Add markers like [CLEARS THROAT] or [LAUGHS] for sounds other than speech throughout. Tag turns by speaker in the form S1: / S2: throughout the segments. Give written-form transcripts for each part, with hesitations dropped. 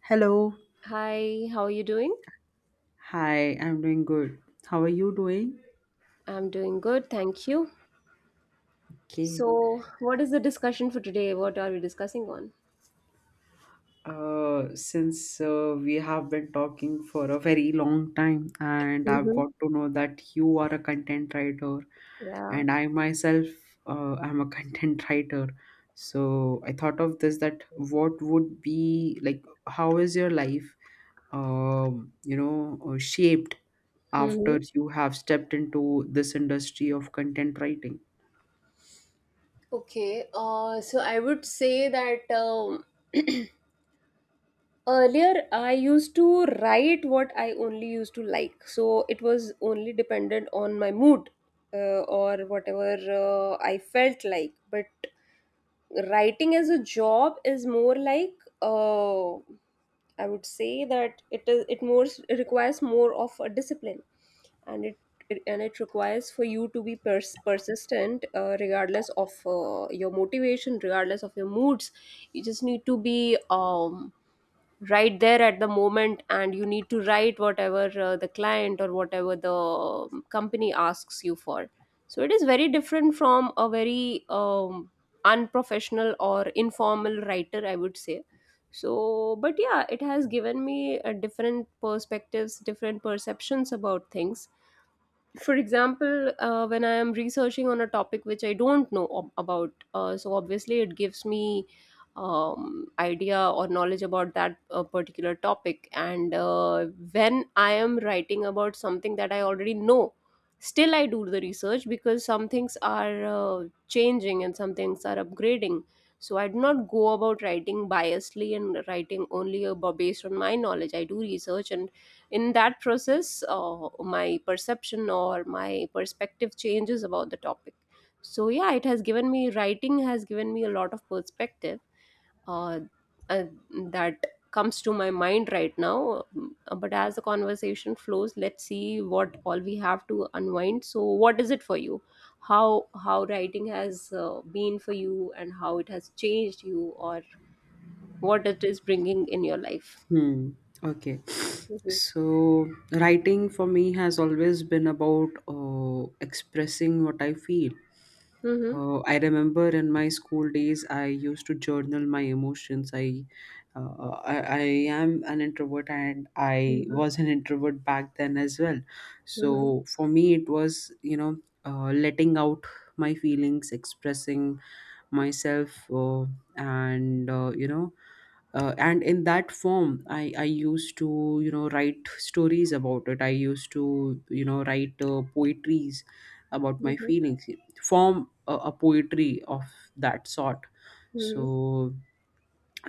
S1: Hello.
S2: Hi, how are you doing?
S1: Hi, I'm doing good. How are you doing?
S2: I'm doing good, thank you.
S1: Okay.
S2: So, what is the discussion for today? What are we discussing on?
S1: Since we have been talking for a very long time, and I've
S2: Mm-hmm.
S1: got to know that you are a content writer,
S2: Yeah.
S1: and I myself am a [LAUGHS] content writer. So I thought of this that what would be like, how is your life, shaped after
S2: Mm-hmm.
S1: you have stepped into this industry of content writing?
S2: Okay. So I would say that earlier I used to write what I only used to like. So it was only dependent on my mood or whatever I felt like. But writing as a job is more like uh, I would say that it more it requires more of a discipline and it, it and it requires for you to be persistent regardless of your motivation regardless of your moods, you just need to be right there at the moment, and you need to write whatever the client or whatever the company asks you for. So it is very different from a very unprofessional or informal writer, I would say. So but yeah, it has given me a different perspectives, different perceptions about things. For example, when I am researching on a topic which I don't know about, so obviously it gives me idea or knowledge about that particular topic. And when I am writing about something that I already know, still I do the research because some things are changing and some things are upgrading. So I do not go about writing biasly and writing only about based on my knowledge. I do research, and in that process my perception or my perspective changes about the topic. So yeah, it has given me, writing has given me a lot of perspective. uh, uh, that comes to my mind right now. Mm, but as the conversation flows, let's see what all we have to unwind. So what is it for you, how writing has been for you, and how it has changed you or what it is bringing in your life?
S1: Hmm. Okay.
S2: hmm
S1: So, writing for me has always been about expressing what I feel.
S2: hmm
S1: I remember in my school days, I used to journal my emotions. I am an introvert and I was an introvert back then as well.
S2: hmm
S1: So, for me, it was, letting out my feelings, expressing myself, and, uh, you know, and in that form I used to write stories about it. I used to write poetries about my
S2: hmm
S1: feelings, form a poetry of that sort.
S2: Mm-hmm.
S1: So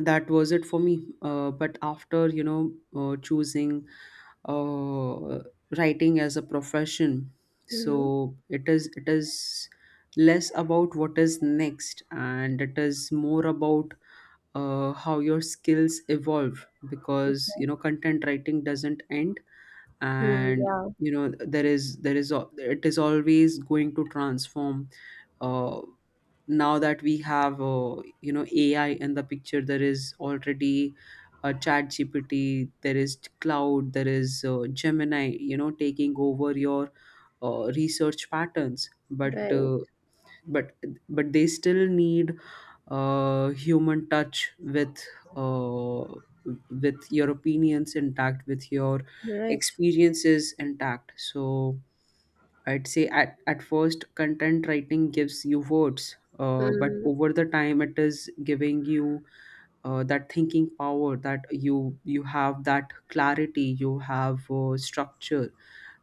S1: that was it for me. But after choosing uh, writing as a profession, so
S2: Mm-hmm.
S1: it is less about what is next and it is more about how your skills evolve,
S2: We.
S1: because content writing doesn't end,
S2: Mm,
S1: and
S2: yeah.
S1: there is al- it is always going to transform. uh, Now that we have, AI in the picture, there is already chat gpt there is Cloud, there is Gemini, taking over your research patterns,
S2: Right.
S1: but but they still need human touch with, uh, with your opinions intact, with your
S2: Right.
S1: experiences intact. So I'd say at first content writing gives you words, but
S2: Mm,
S1: over the time it is giving you that thinking power, that you have that clarity, you have structure,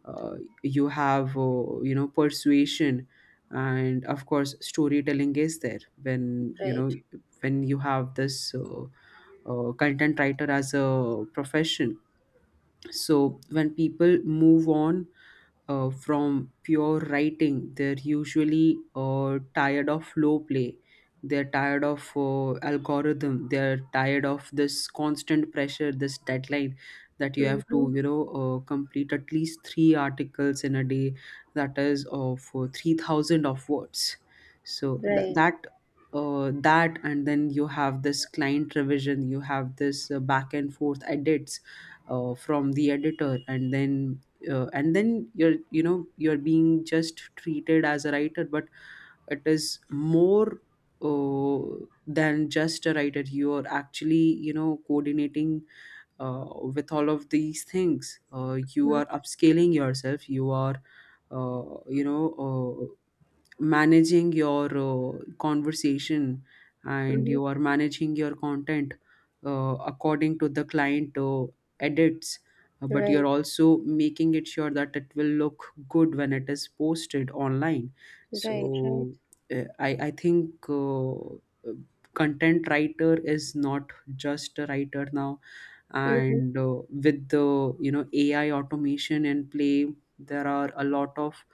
S1: uh, you have, persuasion, and of course storytelling is there when
S2: Right.
S1: you have this content writer as a profession. So when people move on from pure writing, they're usually tired of slow play. They're tired of algorithm. They're tired of this constant pressure, this deadline, that you have to,
S2: mm-hmm.
S1: complete at least three articles in a day. That is of 3,000 of words. So th-
S2: Right.
S1: that. That and then you have this client revision, you have this back and forth edits from the editor, and then you're, you're being just treated as a writer, but it is more than just a writer. You're actually, coordinating uh, with all of these things. You
S2: Mm,
S1: are upscaling yourself, you are, uh, you know uh, managing your conversation, and
S2: mm-hmm.
S1: you are managing your content according to the client edits, but you're
S2: Right.
S1: also making it sure that it will look good when it is posted online.
S2: Right. Right.
S1: So I think content writer is not just a writer now.
S2: Mm-hmm.
S1: And with the, AI automation and play, there are a lot of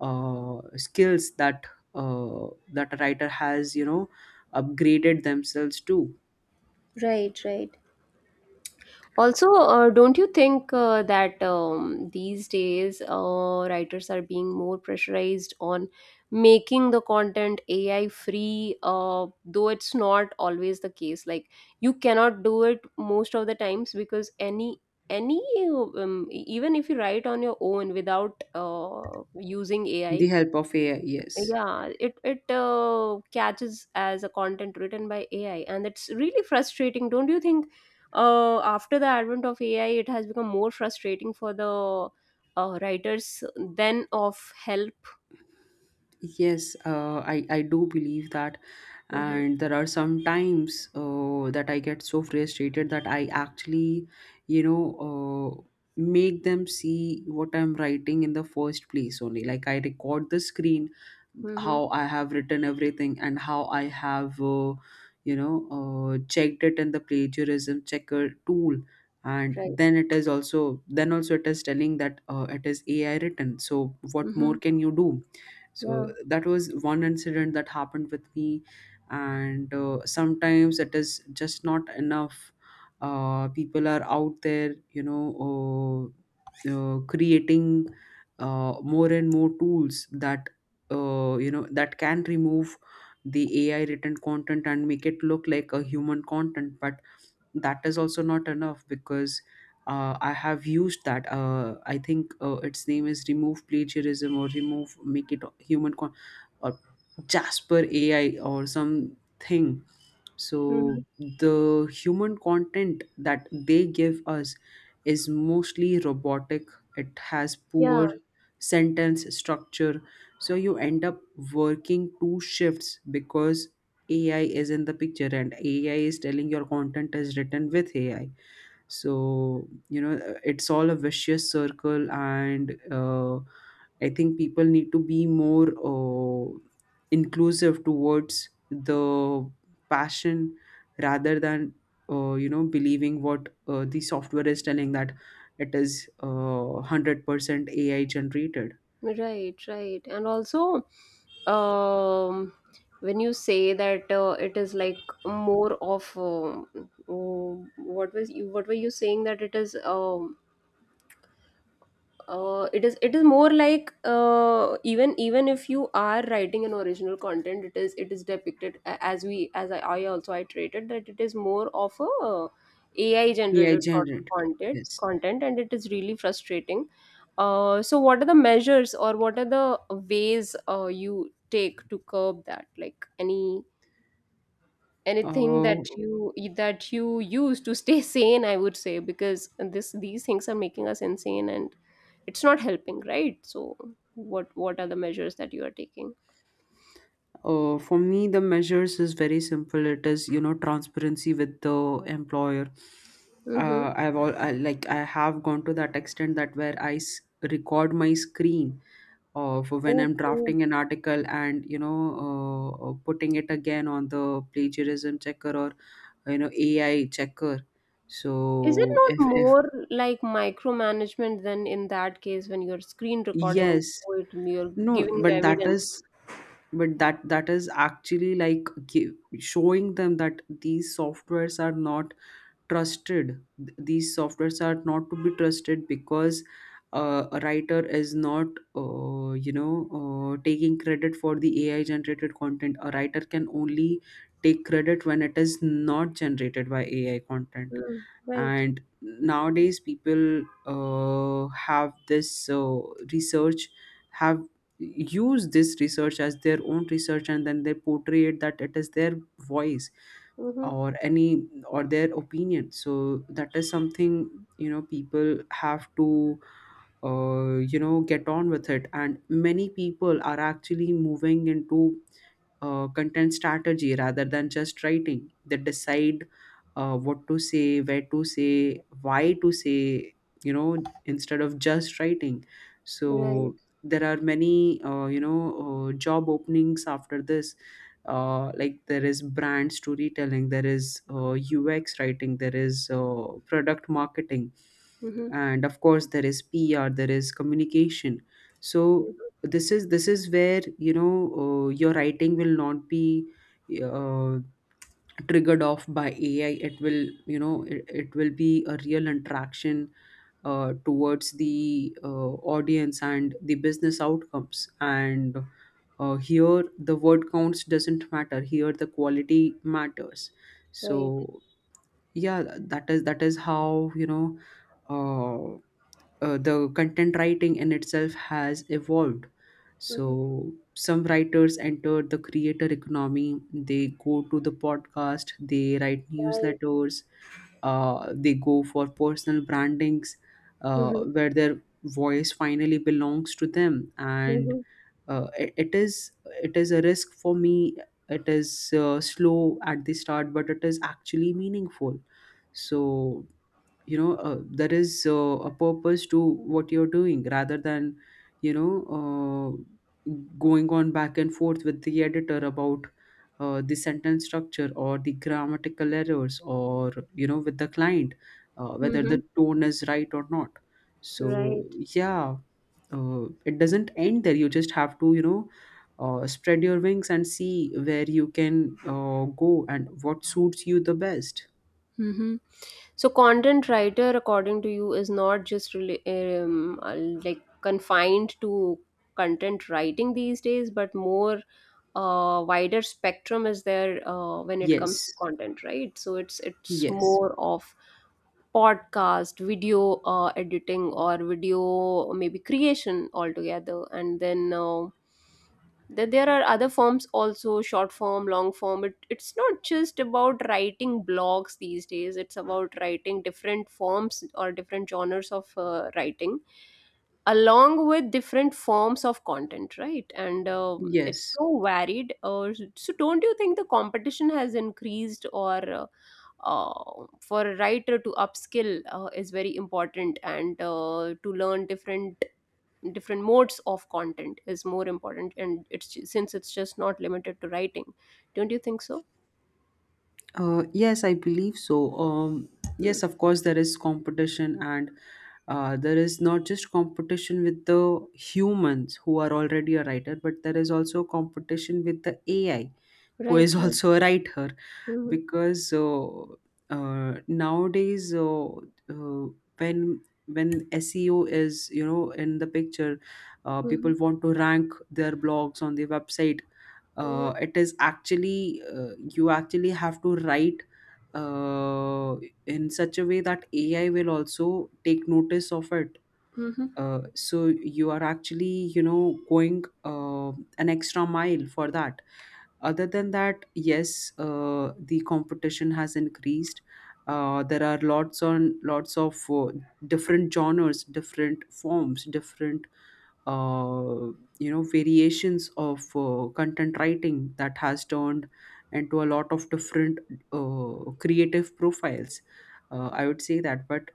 S1: skills that, uh, that a writer has, upgraded themselves to
S2: Right. Right. Also, don't you think that these days writers are being more pressurized on making the content AI free, though it's not always the case. Like you cannot do it most of the times because any e, even if you write on your own without using
S1: the
S2: AI,
S1: help of AI, yes.
S2: yeah it catches as a content written by ai, and it's really frustrating, don't you think after the advent of ai it has become more frustrating for the writers than of help?
S1: Yes, I do believe that.
S2: Mm-hmm.
S1: And there are some times that I get so frustrated that I actually, you know, uh, make them see what I'm writing in the first place only. Like I record the screen,
S2: Mm-hmm.
S1: how I have written everything, and how I have, checked it in the plagiarism checker tool. And
S2: Right.
S1: then it is also, then also it is telling that it is AI written. So what
S2: Mm-hmm.
S1: more can you do? So
S2: Yeah.
S1: that was one incident that happened with me. And sometimes it is just not enough. People are out there, creating more and more tools that, that can remove the AI written content and make it look like a human content. But that is also not enough, because I have used that. I think its name is Remove Plagiarism or Remove Make It Human Con- or Jasper AI or something.
S2: Mm-hmm.
S1: So the human content that they give us is mostly robotic. It has
S2: Yeah.
S1: poor sentence structure. So you end up working two shifts because AI is in the picture and AI is telling your content is written with AI. So, you know, it's all a vicious circle. And I think people need to be more inclusive towards the passion rather than, believing what the software is telling, that it is 100% AI generated.
S2: Right. Right. And also, um when you say that it is like more of what was you what were you saying that it is it is it is more like even even if you are writing an original content, it is depicted as we as I also iterated that it is more of a AI
S1: AI
S2: generated sort of
S1: generated.
S2: content
S1: Yes.
S2: content and it is really frustrating. So what are the measures or what are the ways you take to curb that, like anything
S1: Uh,
S2: that you use to stay [LAUGHS] sane, I would say, because this these things are making us insane and it's not helping, right? So what are the measures that you are taking?
S1: For me, the measures is very simple. It is, transparency with the employer.
S2: Mm-hmm.
S1: Like I have gone to that extent that where record my screen of when I'm
S2: Okay.
S1: drafting an article, and putting it again on the plagiarism checker or, AI checker.
S2: Is it
S1: So
S2: not
S1: if
S2: more like micromanagement than in that case when you're screen recording and
S1: Yes,
S2: show it and you're
S1: no,
S2: giving the
S1: but
S2: evidence? Yeah.
S1: that is actually like showing them that these softwares are not trusted. These softwares are not to be trusted because a writer is not, uh, you know taking credit for the AI generated content. A writer can only take credit when it is not generated by AI content.
S2: Mm, right.
S1: And nowadays people have this research, have used this research as their own research, and then they portray it that it is their voice
S2: Mm-hmm.
S1: or any or their opinion. So that is something, people have to, get on with it. And many people are actually moving into content strategy rather than just writing. They decide what to say, where to say, why to say, you know, instead of just writing.
S2: Right.
S1: So there are many, job openings after this. Like there is brand storytelling, there is UX writing, there is product marketing,
S2: Mm-hmm.
S1: and of course there is PR, there is communication. So
S2: Mm-hmm.
S1: this is where, your writing will not be uh, triggered off by AI. It will, it will be a real interaction towards the audience and the business outcomes. And here the word counts doesn't matter, here the quality matters.
S2: Right.
S1: So yeah, that is how, uh, the content writing in itself has evolved. So some writers entered the creator economy. They go to the podcast. They write
S2: Right.
S1: newsletters. They go for personal brandings,
S2: Mm-hmm.
S1: where their voice finally belongs to them. And
S2: Mm-hmm.
S1: uh, it, it is it is a risk for me. It is slow at the start, but it is actually meaningful. So, there is a purpose to what you're doing rather than, you know uh, going on back and forth with the editor about the sentence structure or the grammatical errors, or, with the client whether
S2: Mm-hmm.
S1: the tone is right or not. So
S2: Right.
S1: yeah, it doesn't end there. You just have to, spread your wings and see where you can go and what suits you the best.
S2: Mm-hmm. So, content writer, according to you, is not just really, like confined to content writing these days, but more wider spectrum is there when it comes to
S1: Yes,
S2: content, right? So it's
S1: yes.
S2: more of podcast, video editing, or video maybe creation altogether, and then. That there are other forms also, short form, long form. It, it's not just about writing blogs these days, it's about writing different forms or different genres of writing along with different forms of content, right? And it's
S1: Yes.
S2: so varied. So don't you think the competition has increased, or for a writer to upskill is very important, and to learn different different modes of content is more important, and it's since it's just not limited to writing, don't you think so?
S1: Yes, I believe so. Yes,
S2: Mm.
S1: of course, there is competition, and there is not just competition with the humans who are already a writer, but there is also competition with the AI, who is
S2: Right,
S1: [LAUGHS]
S2: right.
S1: also a writer.
S2: Mm-hmm.
S1: Because uh, uh, nowadays, uh, uh, when when SEO is, in the picture,
S2: Mm-hmm.
S1: people want to rank their blogs on the website.
S2: Mm-hmm.
S1: It is actually You actually have to write uh, in such a way that AI will also take notice of it.
S2: Mm-hmm.
S1: So you are actually, going an extra mile for that. Other than that, yes, the competition has increased. There are lots on lots of different genres, different forms, different, uh, variations of content writing that has turned into a lot of different creative profiles. I would say that, but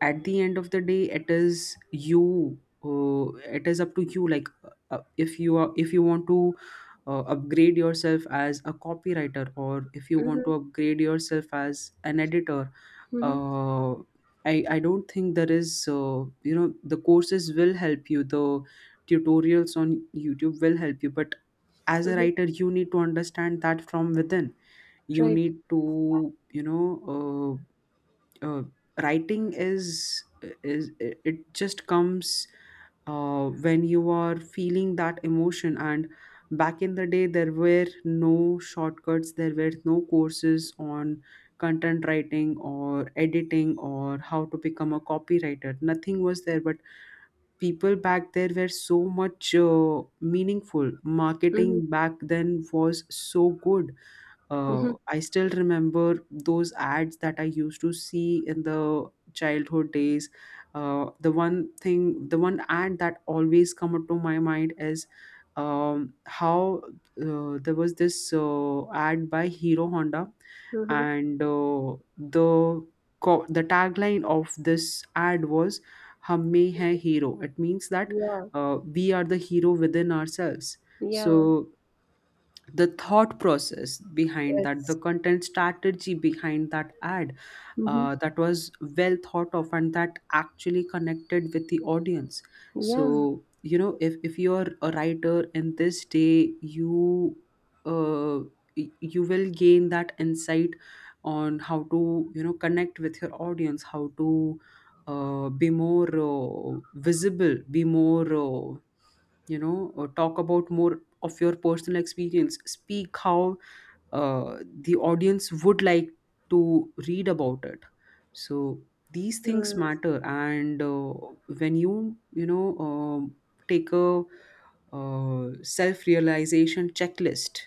S1: at the end of the day, it is you. It is up to you. Like, if you are, if you want to upgrade yourself as a copywriter or if you want
S2: Mm-hmm.
S1: to upgrade yourself as an editor. Uh, I, I don't think there is, you know, the courses will help you, the tutorials on YouTube will help you, but as a
S2: Mm-hmm.
S1: writer you need to understand that from within. You
S2: Right.
S1: need to uh, writing is it it just comes when you are feeling that emotion. And back in the day there were no shortcuts, there were no courses on content writing or editing or how to become a copywriter, nothing was there. But people back there were so much, meaningful
S2: Mm-hmm.
S1: marketing back then was so good. uh,
S2: Mm-hmm.
S1: I still remember those ads that I used to see in the childhood days. The one thing, the one ad that always come to my mind is how there was this ad by Hero Honda,
S2: Mm-hmm.
S1: and the tagline of this ad was "Hum mein hai hero." It means that
S2: Yeah.
S1: we are the hero within ourselves. So
S2: Yeah.
S1: the thought process behind that, the
S2: Yes.
S1: content strategy behind that ad,
S2: Mm-hmm.
S1: that was well thought of and that actually connected with the audience. So
S2: Yeah.
S1: you know, if you're a writer in this day, you uh, you will gain that insight on how to, you know, connect with your audience, how to be more visible, be more uh, talk about more of your personal experience, speak how the audience would like to read about it. So these things
S2: uh,
S1: matter, and when you know take a uh, self realization checklist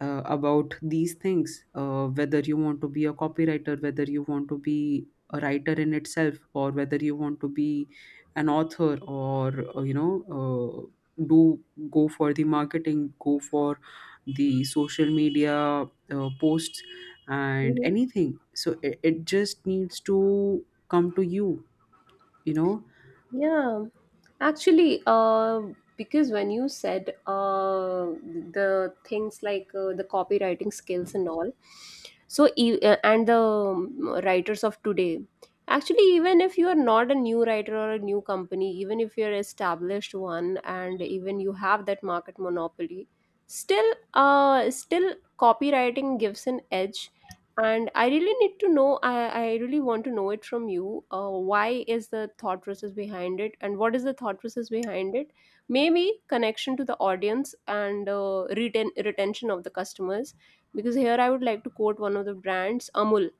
S1: about these things, whether you want to be a copywriter, whether you want to be a writer in itself, or whether you want to be an author, or uh, do, go for the marketing, go for the social media posts and
S2: mm-hmm.
S1: anything. So it just needs to come to you, you know.
S2: Yeah. Actually, because when you said the things like the copywriting skills and all, so and the writers of today, actually, even if you are not a new writer or a new company, even if you're established one, and even you have that market monopoly, still, still copywriting gives an edge, and I really need to know, I really want to know it from you, why is the thought process behind it and what is the thought process behind it? Maybe connection to the audience, and retention of the customers, because here I would like to quote one of the brands, Amul,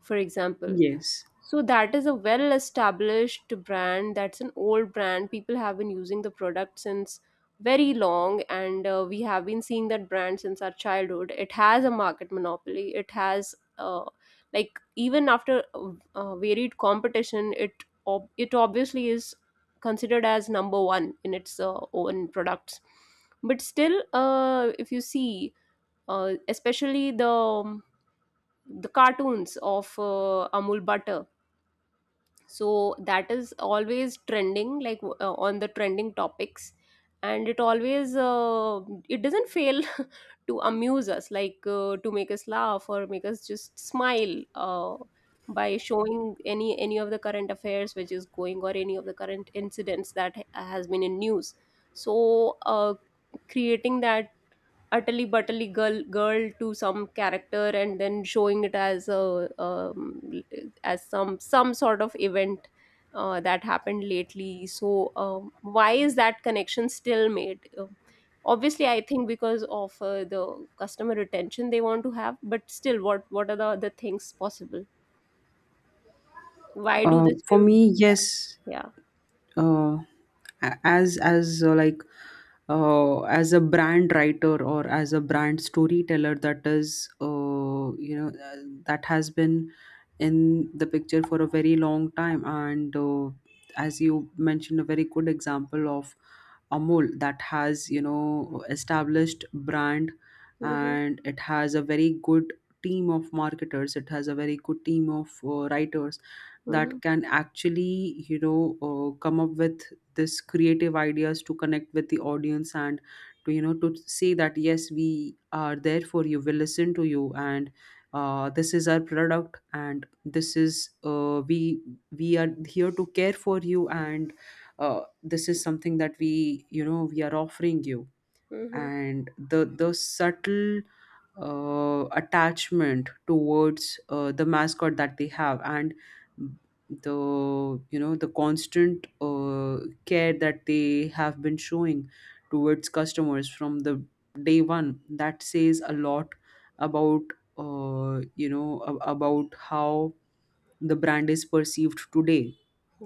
S2: for example.
S1: Yes.
S2: So that is a well established brand. That's an old brand. People have been using the product since very long, and we have been seeing that brand since our childhood. It has a market monopoly. It has like, even after varied competition, it it obviously is considered as number one in its own products. But still, if you see, especially the cartoons of Amul butter, so that is always trending, like on the trending topics, and it always it doesn't fail [LAUGHS] to amuse us, like to make us laugh or make us just smile, by showing any of the current affairs which is going, or any of the current incidents that has been in news. So creating that utterly butterly girl to some character and then showing it as a um, as some sort of event that happened lately. So why is that connection still made? Obviously I think because of the customer retention they want to have, but still what are the other things possible, why do they
S1: For
S2: still do
S1: me,
S2: that?
S1: yes.
S2: Yeah.
S1: uh, a- as Like, as a brand writer or as a brand storyteller, that is, that has been in the picture for a very long time. And as you mentioned, a very good example of Amul, that has, you know, established brand,
S2: Mm-hmm.
S1: and it has a very good team of marketers, it has a very good team of writers
S2: Mm-hmm.
S1: that can actually, you know, come up with this creative ideas to connect with the audience, and to, you know, to say that yes, we are there for you, we listen to you, and this is our product, and this is, we are here to care for you, and this is something that we, you know, we are offering you.
S2: Mm-hmm.
S1: And the subtle attachment towards the mascot that they have, and the, you know, the constant care that they have been showing towards customers from the day one, that says a lot about about how the brand is perceived today.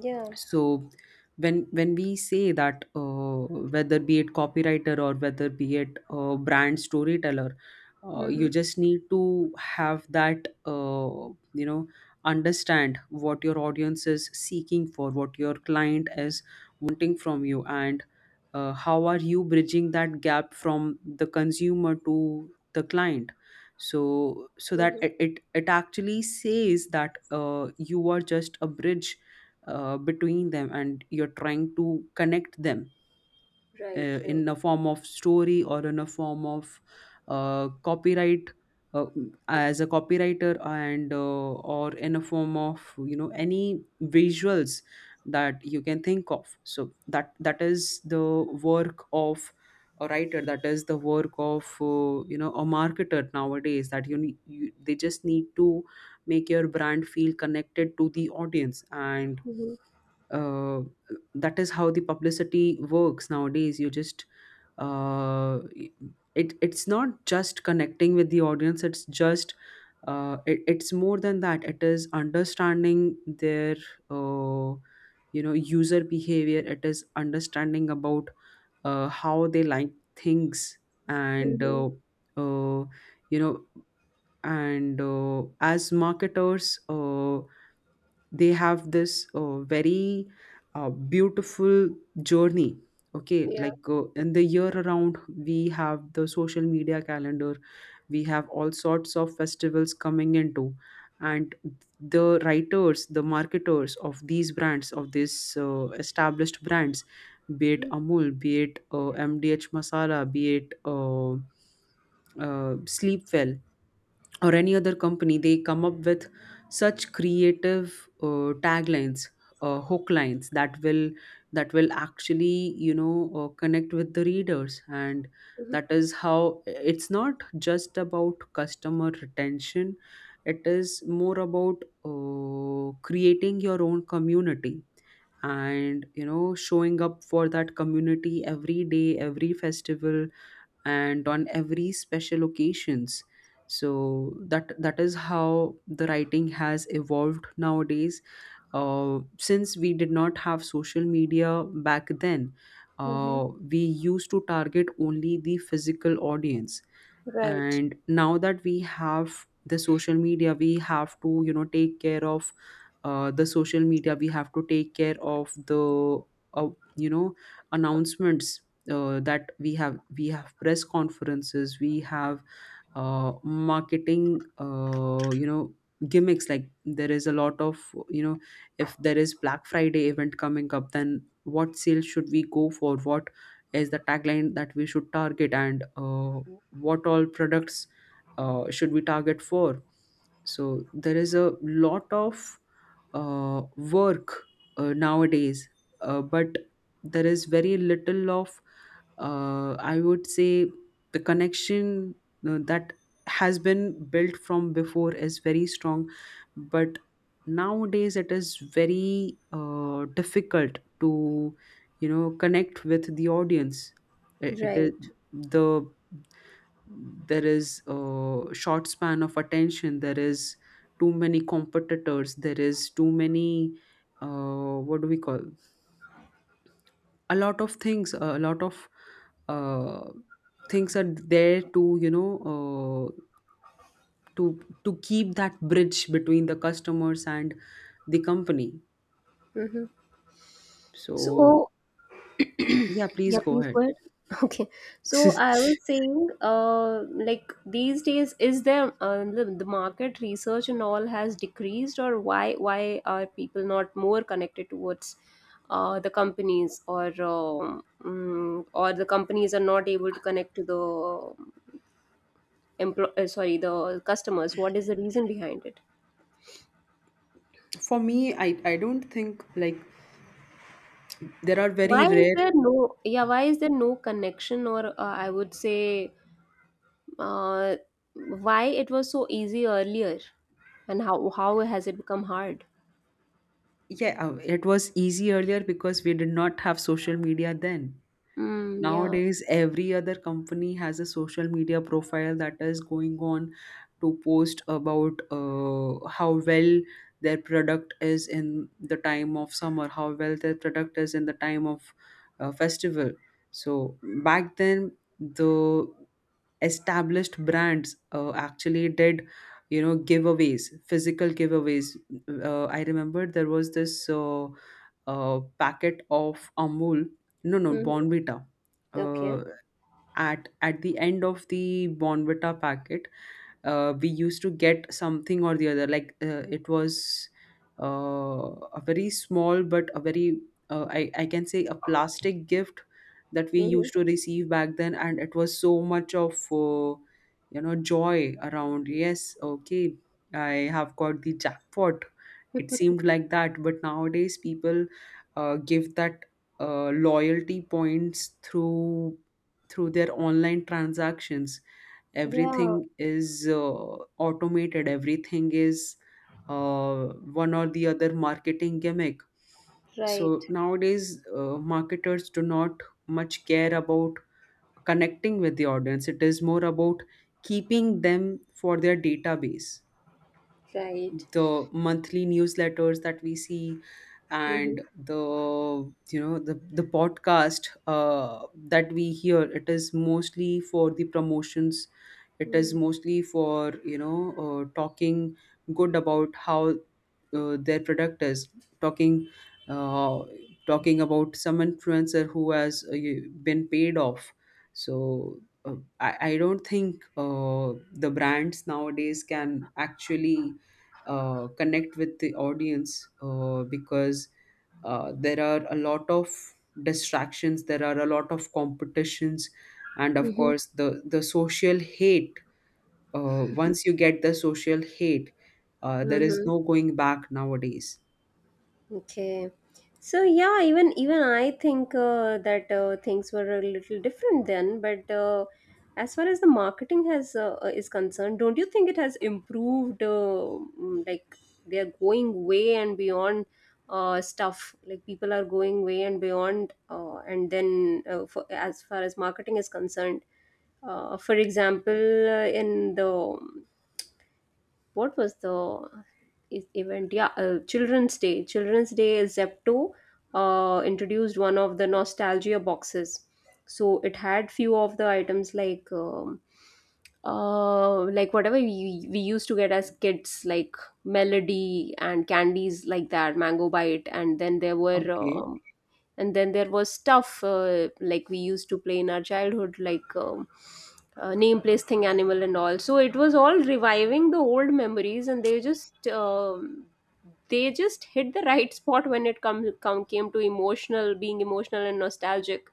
S2: Yeah.
S1: So when we say that, whether be it copywriter, or whether be it brand storyteller, you
S2: Mm-hmm.
S1: just need to have that, you know, understand what your audience is seeking for, what your client is wanting from you, and how are you bridging that gap from the consumer to the client. So that
S2: Mm-hmm.
S1: it actually says that you are just a bridge between them, and you're trying to connect them
S2: Right, right.
S1: in a form of story, or in a form of copyright uh, as a copywriter, and or in a form of, you know, any visuals that you can think of. So that, that is the work of a writer, that is the work of you know, a marketer nowadays, that you need, they just need to make your brand feel connected to the audience. And
S2: Mm-hmm.
S1: uh, that is how the publicity works nowadays. You just uh, it, it's not just connecting with the audience, it's just it's more than that, it is understanding their uh, you know, user behavior, it is understanding about how they like things. And
S2: Mm-hmm.
S1: uh, you know as marketers, they have this very beautiful journey. Okay,
S2: Yeah.
S1: like in the year around we have the social media calendar, we have all sorts of festivals coming into. And the writers, the marketers of these brands, of these established brands, be it
S2: Mm-hmm.
S1: Amul, be it MDH Masala, be it sleep well or any other company, they come up with such creative taglines, hook lines that will, that will actually, you know, connect with the readers. And that is how it's not just about customer retention, it is more about creating your own community, and, you know, showing up for that community every day, every festival, and on every special occasions. So that, that is how the writing has evolved nowadays. Since we did not have social media back then, we used to target only the physical audience.
S2: Right.
S1: And now that we have the social media, we have to, you know, take care of the social media, we have to take care of the uh, you know, announcements that we have, we have press conferences, we have marketing, you know, gimmicks. Like there is a lot of, you know, if there is Black Friday event coming up, then what sale should we go for, what is the tagline that we should target, and what all products should we target for. So there is a lot of work nowadays, but there is very little of, I would say, the connection that has been built from before is very strong, but nowadays it is very difficult to, you know, connect with the audience. It is
S2: Right.
S1: the, there is a short span of attention, there is too many competitors, there is too many, what do we call, a lot of things, a lot of uh, things are there to, uh, to to keep that bridge between the customers and the company.
S2: Mm-hmm.
S1: So
S2: So, [CLEARS THROAT]
S1: yeah, please
S2: yeah,
S1: go
S2: please
S1: ahead.
S2: go ahead. [LAUGHS] Okay. So I was
S1: [LAUGHS]
S2: saying, like these days, is there the market research and all has decreased, or why are people not more connected towards the companies, or or the companies are not able to connect to the sorry the customers? What is the reason behind it?
S1: for me, I don't think like, there are very
S2: Why is
S1: rare.
S2: there no yeah? Why is there no connection, or I would say uh, why it was so easy earlier, and how has it become hard?
S1: Yeah, it was easy earlier because we did not have social media then.
S2: Mm, yeah.
S1: Nowadays, every other company has a social media profile that is going on to post about how well their product is in the time of summer, how well their product is in the time of festival. So back then, the established brands actually did, you know, giveaways, physical giveaways. I remember there was this a packet of Amul, no, no,
S2: Hmm.
S1: Bonvita.
S2: Okay.
S1: Uh, at the end of the Bonvita packet we used to get something or the other, like it was uh, a very small but a very I can say a plastic gift that we
S2: Hmm.
S1: used to receive back then, and it was so much of you know, joy around. Yes, okay, I have got the jackpot, it
S2: [LAUGHS]
S1: seemed like that. But nowadays people give that loyalty points through their online transactions.
S2: Yeah.
S1: Everything is automated, everything is uh, one or the other marketing gimmick. So
S2: Right,
S1: nowadays, marketers do not much care about connecting with the audience, it is more about keeping them for their database.
S2: right.
S1: The monthly newsletters that we see,
S2: Mm-hmm.
S1: and the, you know, the podcast that we hear, it is mostly for the promotions, it is mostly for, talking good about how their product is, talking uh, talking about some influencer who has been paid off. So I don't think the brands nowadays can actually connect with the audience because there are a lot of distractions, there are a lot of competitions, and of
S2: Mm-hmm.
S1: course the social hate. Once you get the social hate, there is
S2: Mm-hmm.
S1: no going back nowadays.
S2: Okay. So yeah, even even I think that things were a little different then. But as far as the marketing has is concerned, don't you think it has improved? Like they are going way and beyond stuff. Like people are going way and beyond. And then for, as far as marketing is concerned, for example, in the what was the event? Yeah, Children's Day. Children's Day, Zepto introduced one of the nostalgia boxes. So it had few of the items like whatever we used to get as kids, like Melody and candies like that, Mango Bite, and then there were
S1: Okay.
S2: and then there was stuff like we used to play in our childhood, like name place thing animal and all. So it was all reviving the old memories, and they just hit the right spot when it come, come came to emotional, being emotional and nostalgic,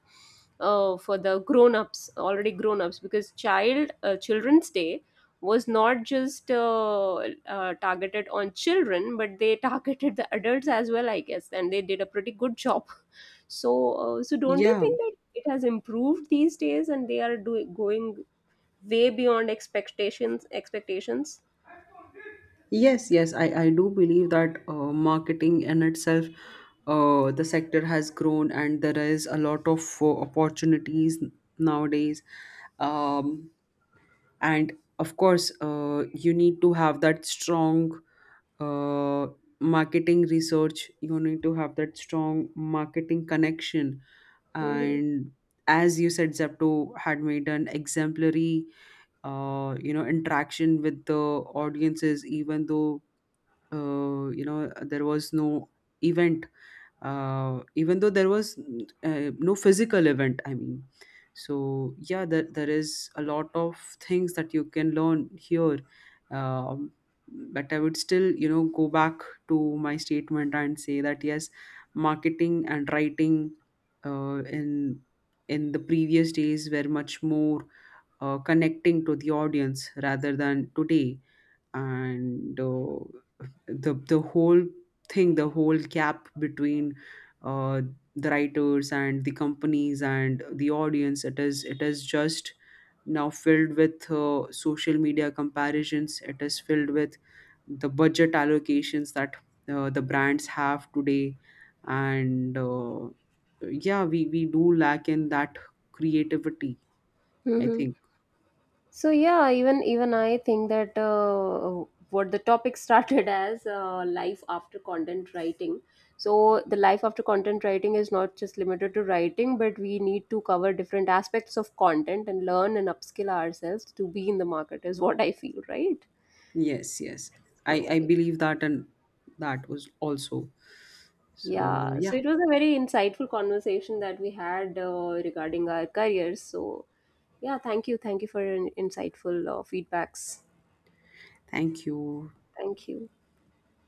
S2: for the grown-ups already grown-ups, because children's day was not just targeted on children, but they [LAUGHS] targeted the adults as well, I guess, and they did a pretty good job. So, so don't you
S1: Yeah,
S2: think that it has improved these days and they are doing going way beyond expectations?
S1: yes, yes, I do believe that marketing in itself, the sector has grown, and there is a lot of opportunities nowadays. um, and of course you need to have that strong uh, marketing research, you need to have that strong marketing connection.
S2: Mm-hmm.
S1: And as you said, Zepto had made an exemplary you know, interaction with the audiences, even though you know, there was no event, even though there was no physical event, I mean. So yeah, there is a lot of things that you can learn here. um, but I would still, you know, go back to my statement and say that yes, marketing and writing uh, in in the previous days were much more connecting to the audience rather than today. And the whole thing, the whole gap between uh, the writers and the companies and the audience, it is just now filled with social media comparisons, it is filled with the budget allocations that the brands have today. And yeah, we do lack in that creativity, I
S2: Mm-hmm.
S1: think.
S2: So yeah, even even I think that what the topic [LAUGHS] started as life after content writing. So the life after content writing is not just limited to writing, but we need to cover different aspects of content and learn and upskill ourselves to be in the market, is what I feel, right?
S1: Yes, yes.
S2: So
S1: I believe that, and that was also. So
S2: yeah, so
S1: yeah,
S2: it was a very insightful conversation that we had regarding our careers. So, yeah, thank you. Thank you for your insightful feedbacks.
S1: thank you.
S2: Thank you.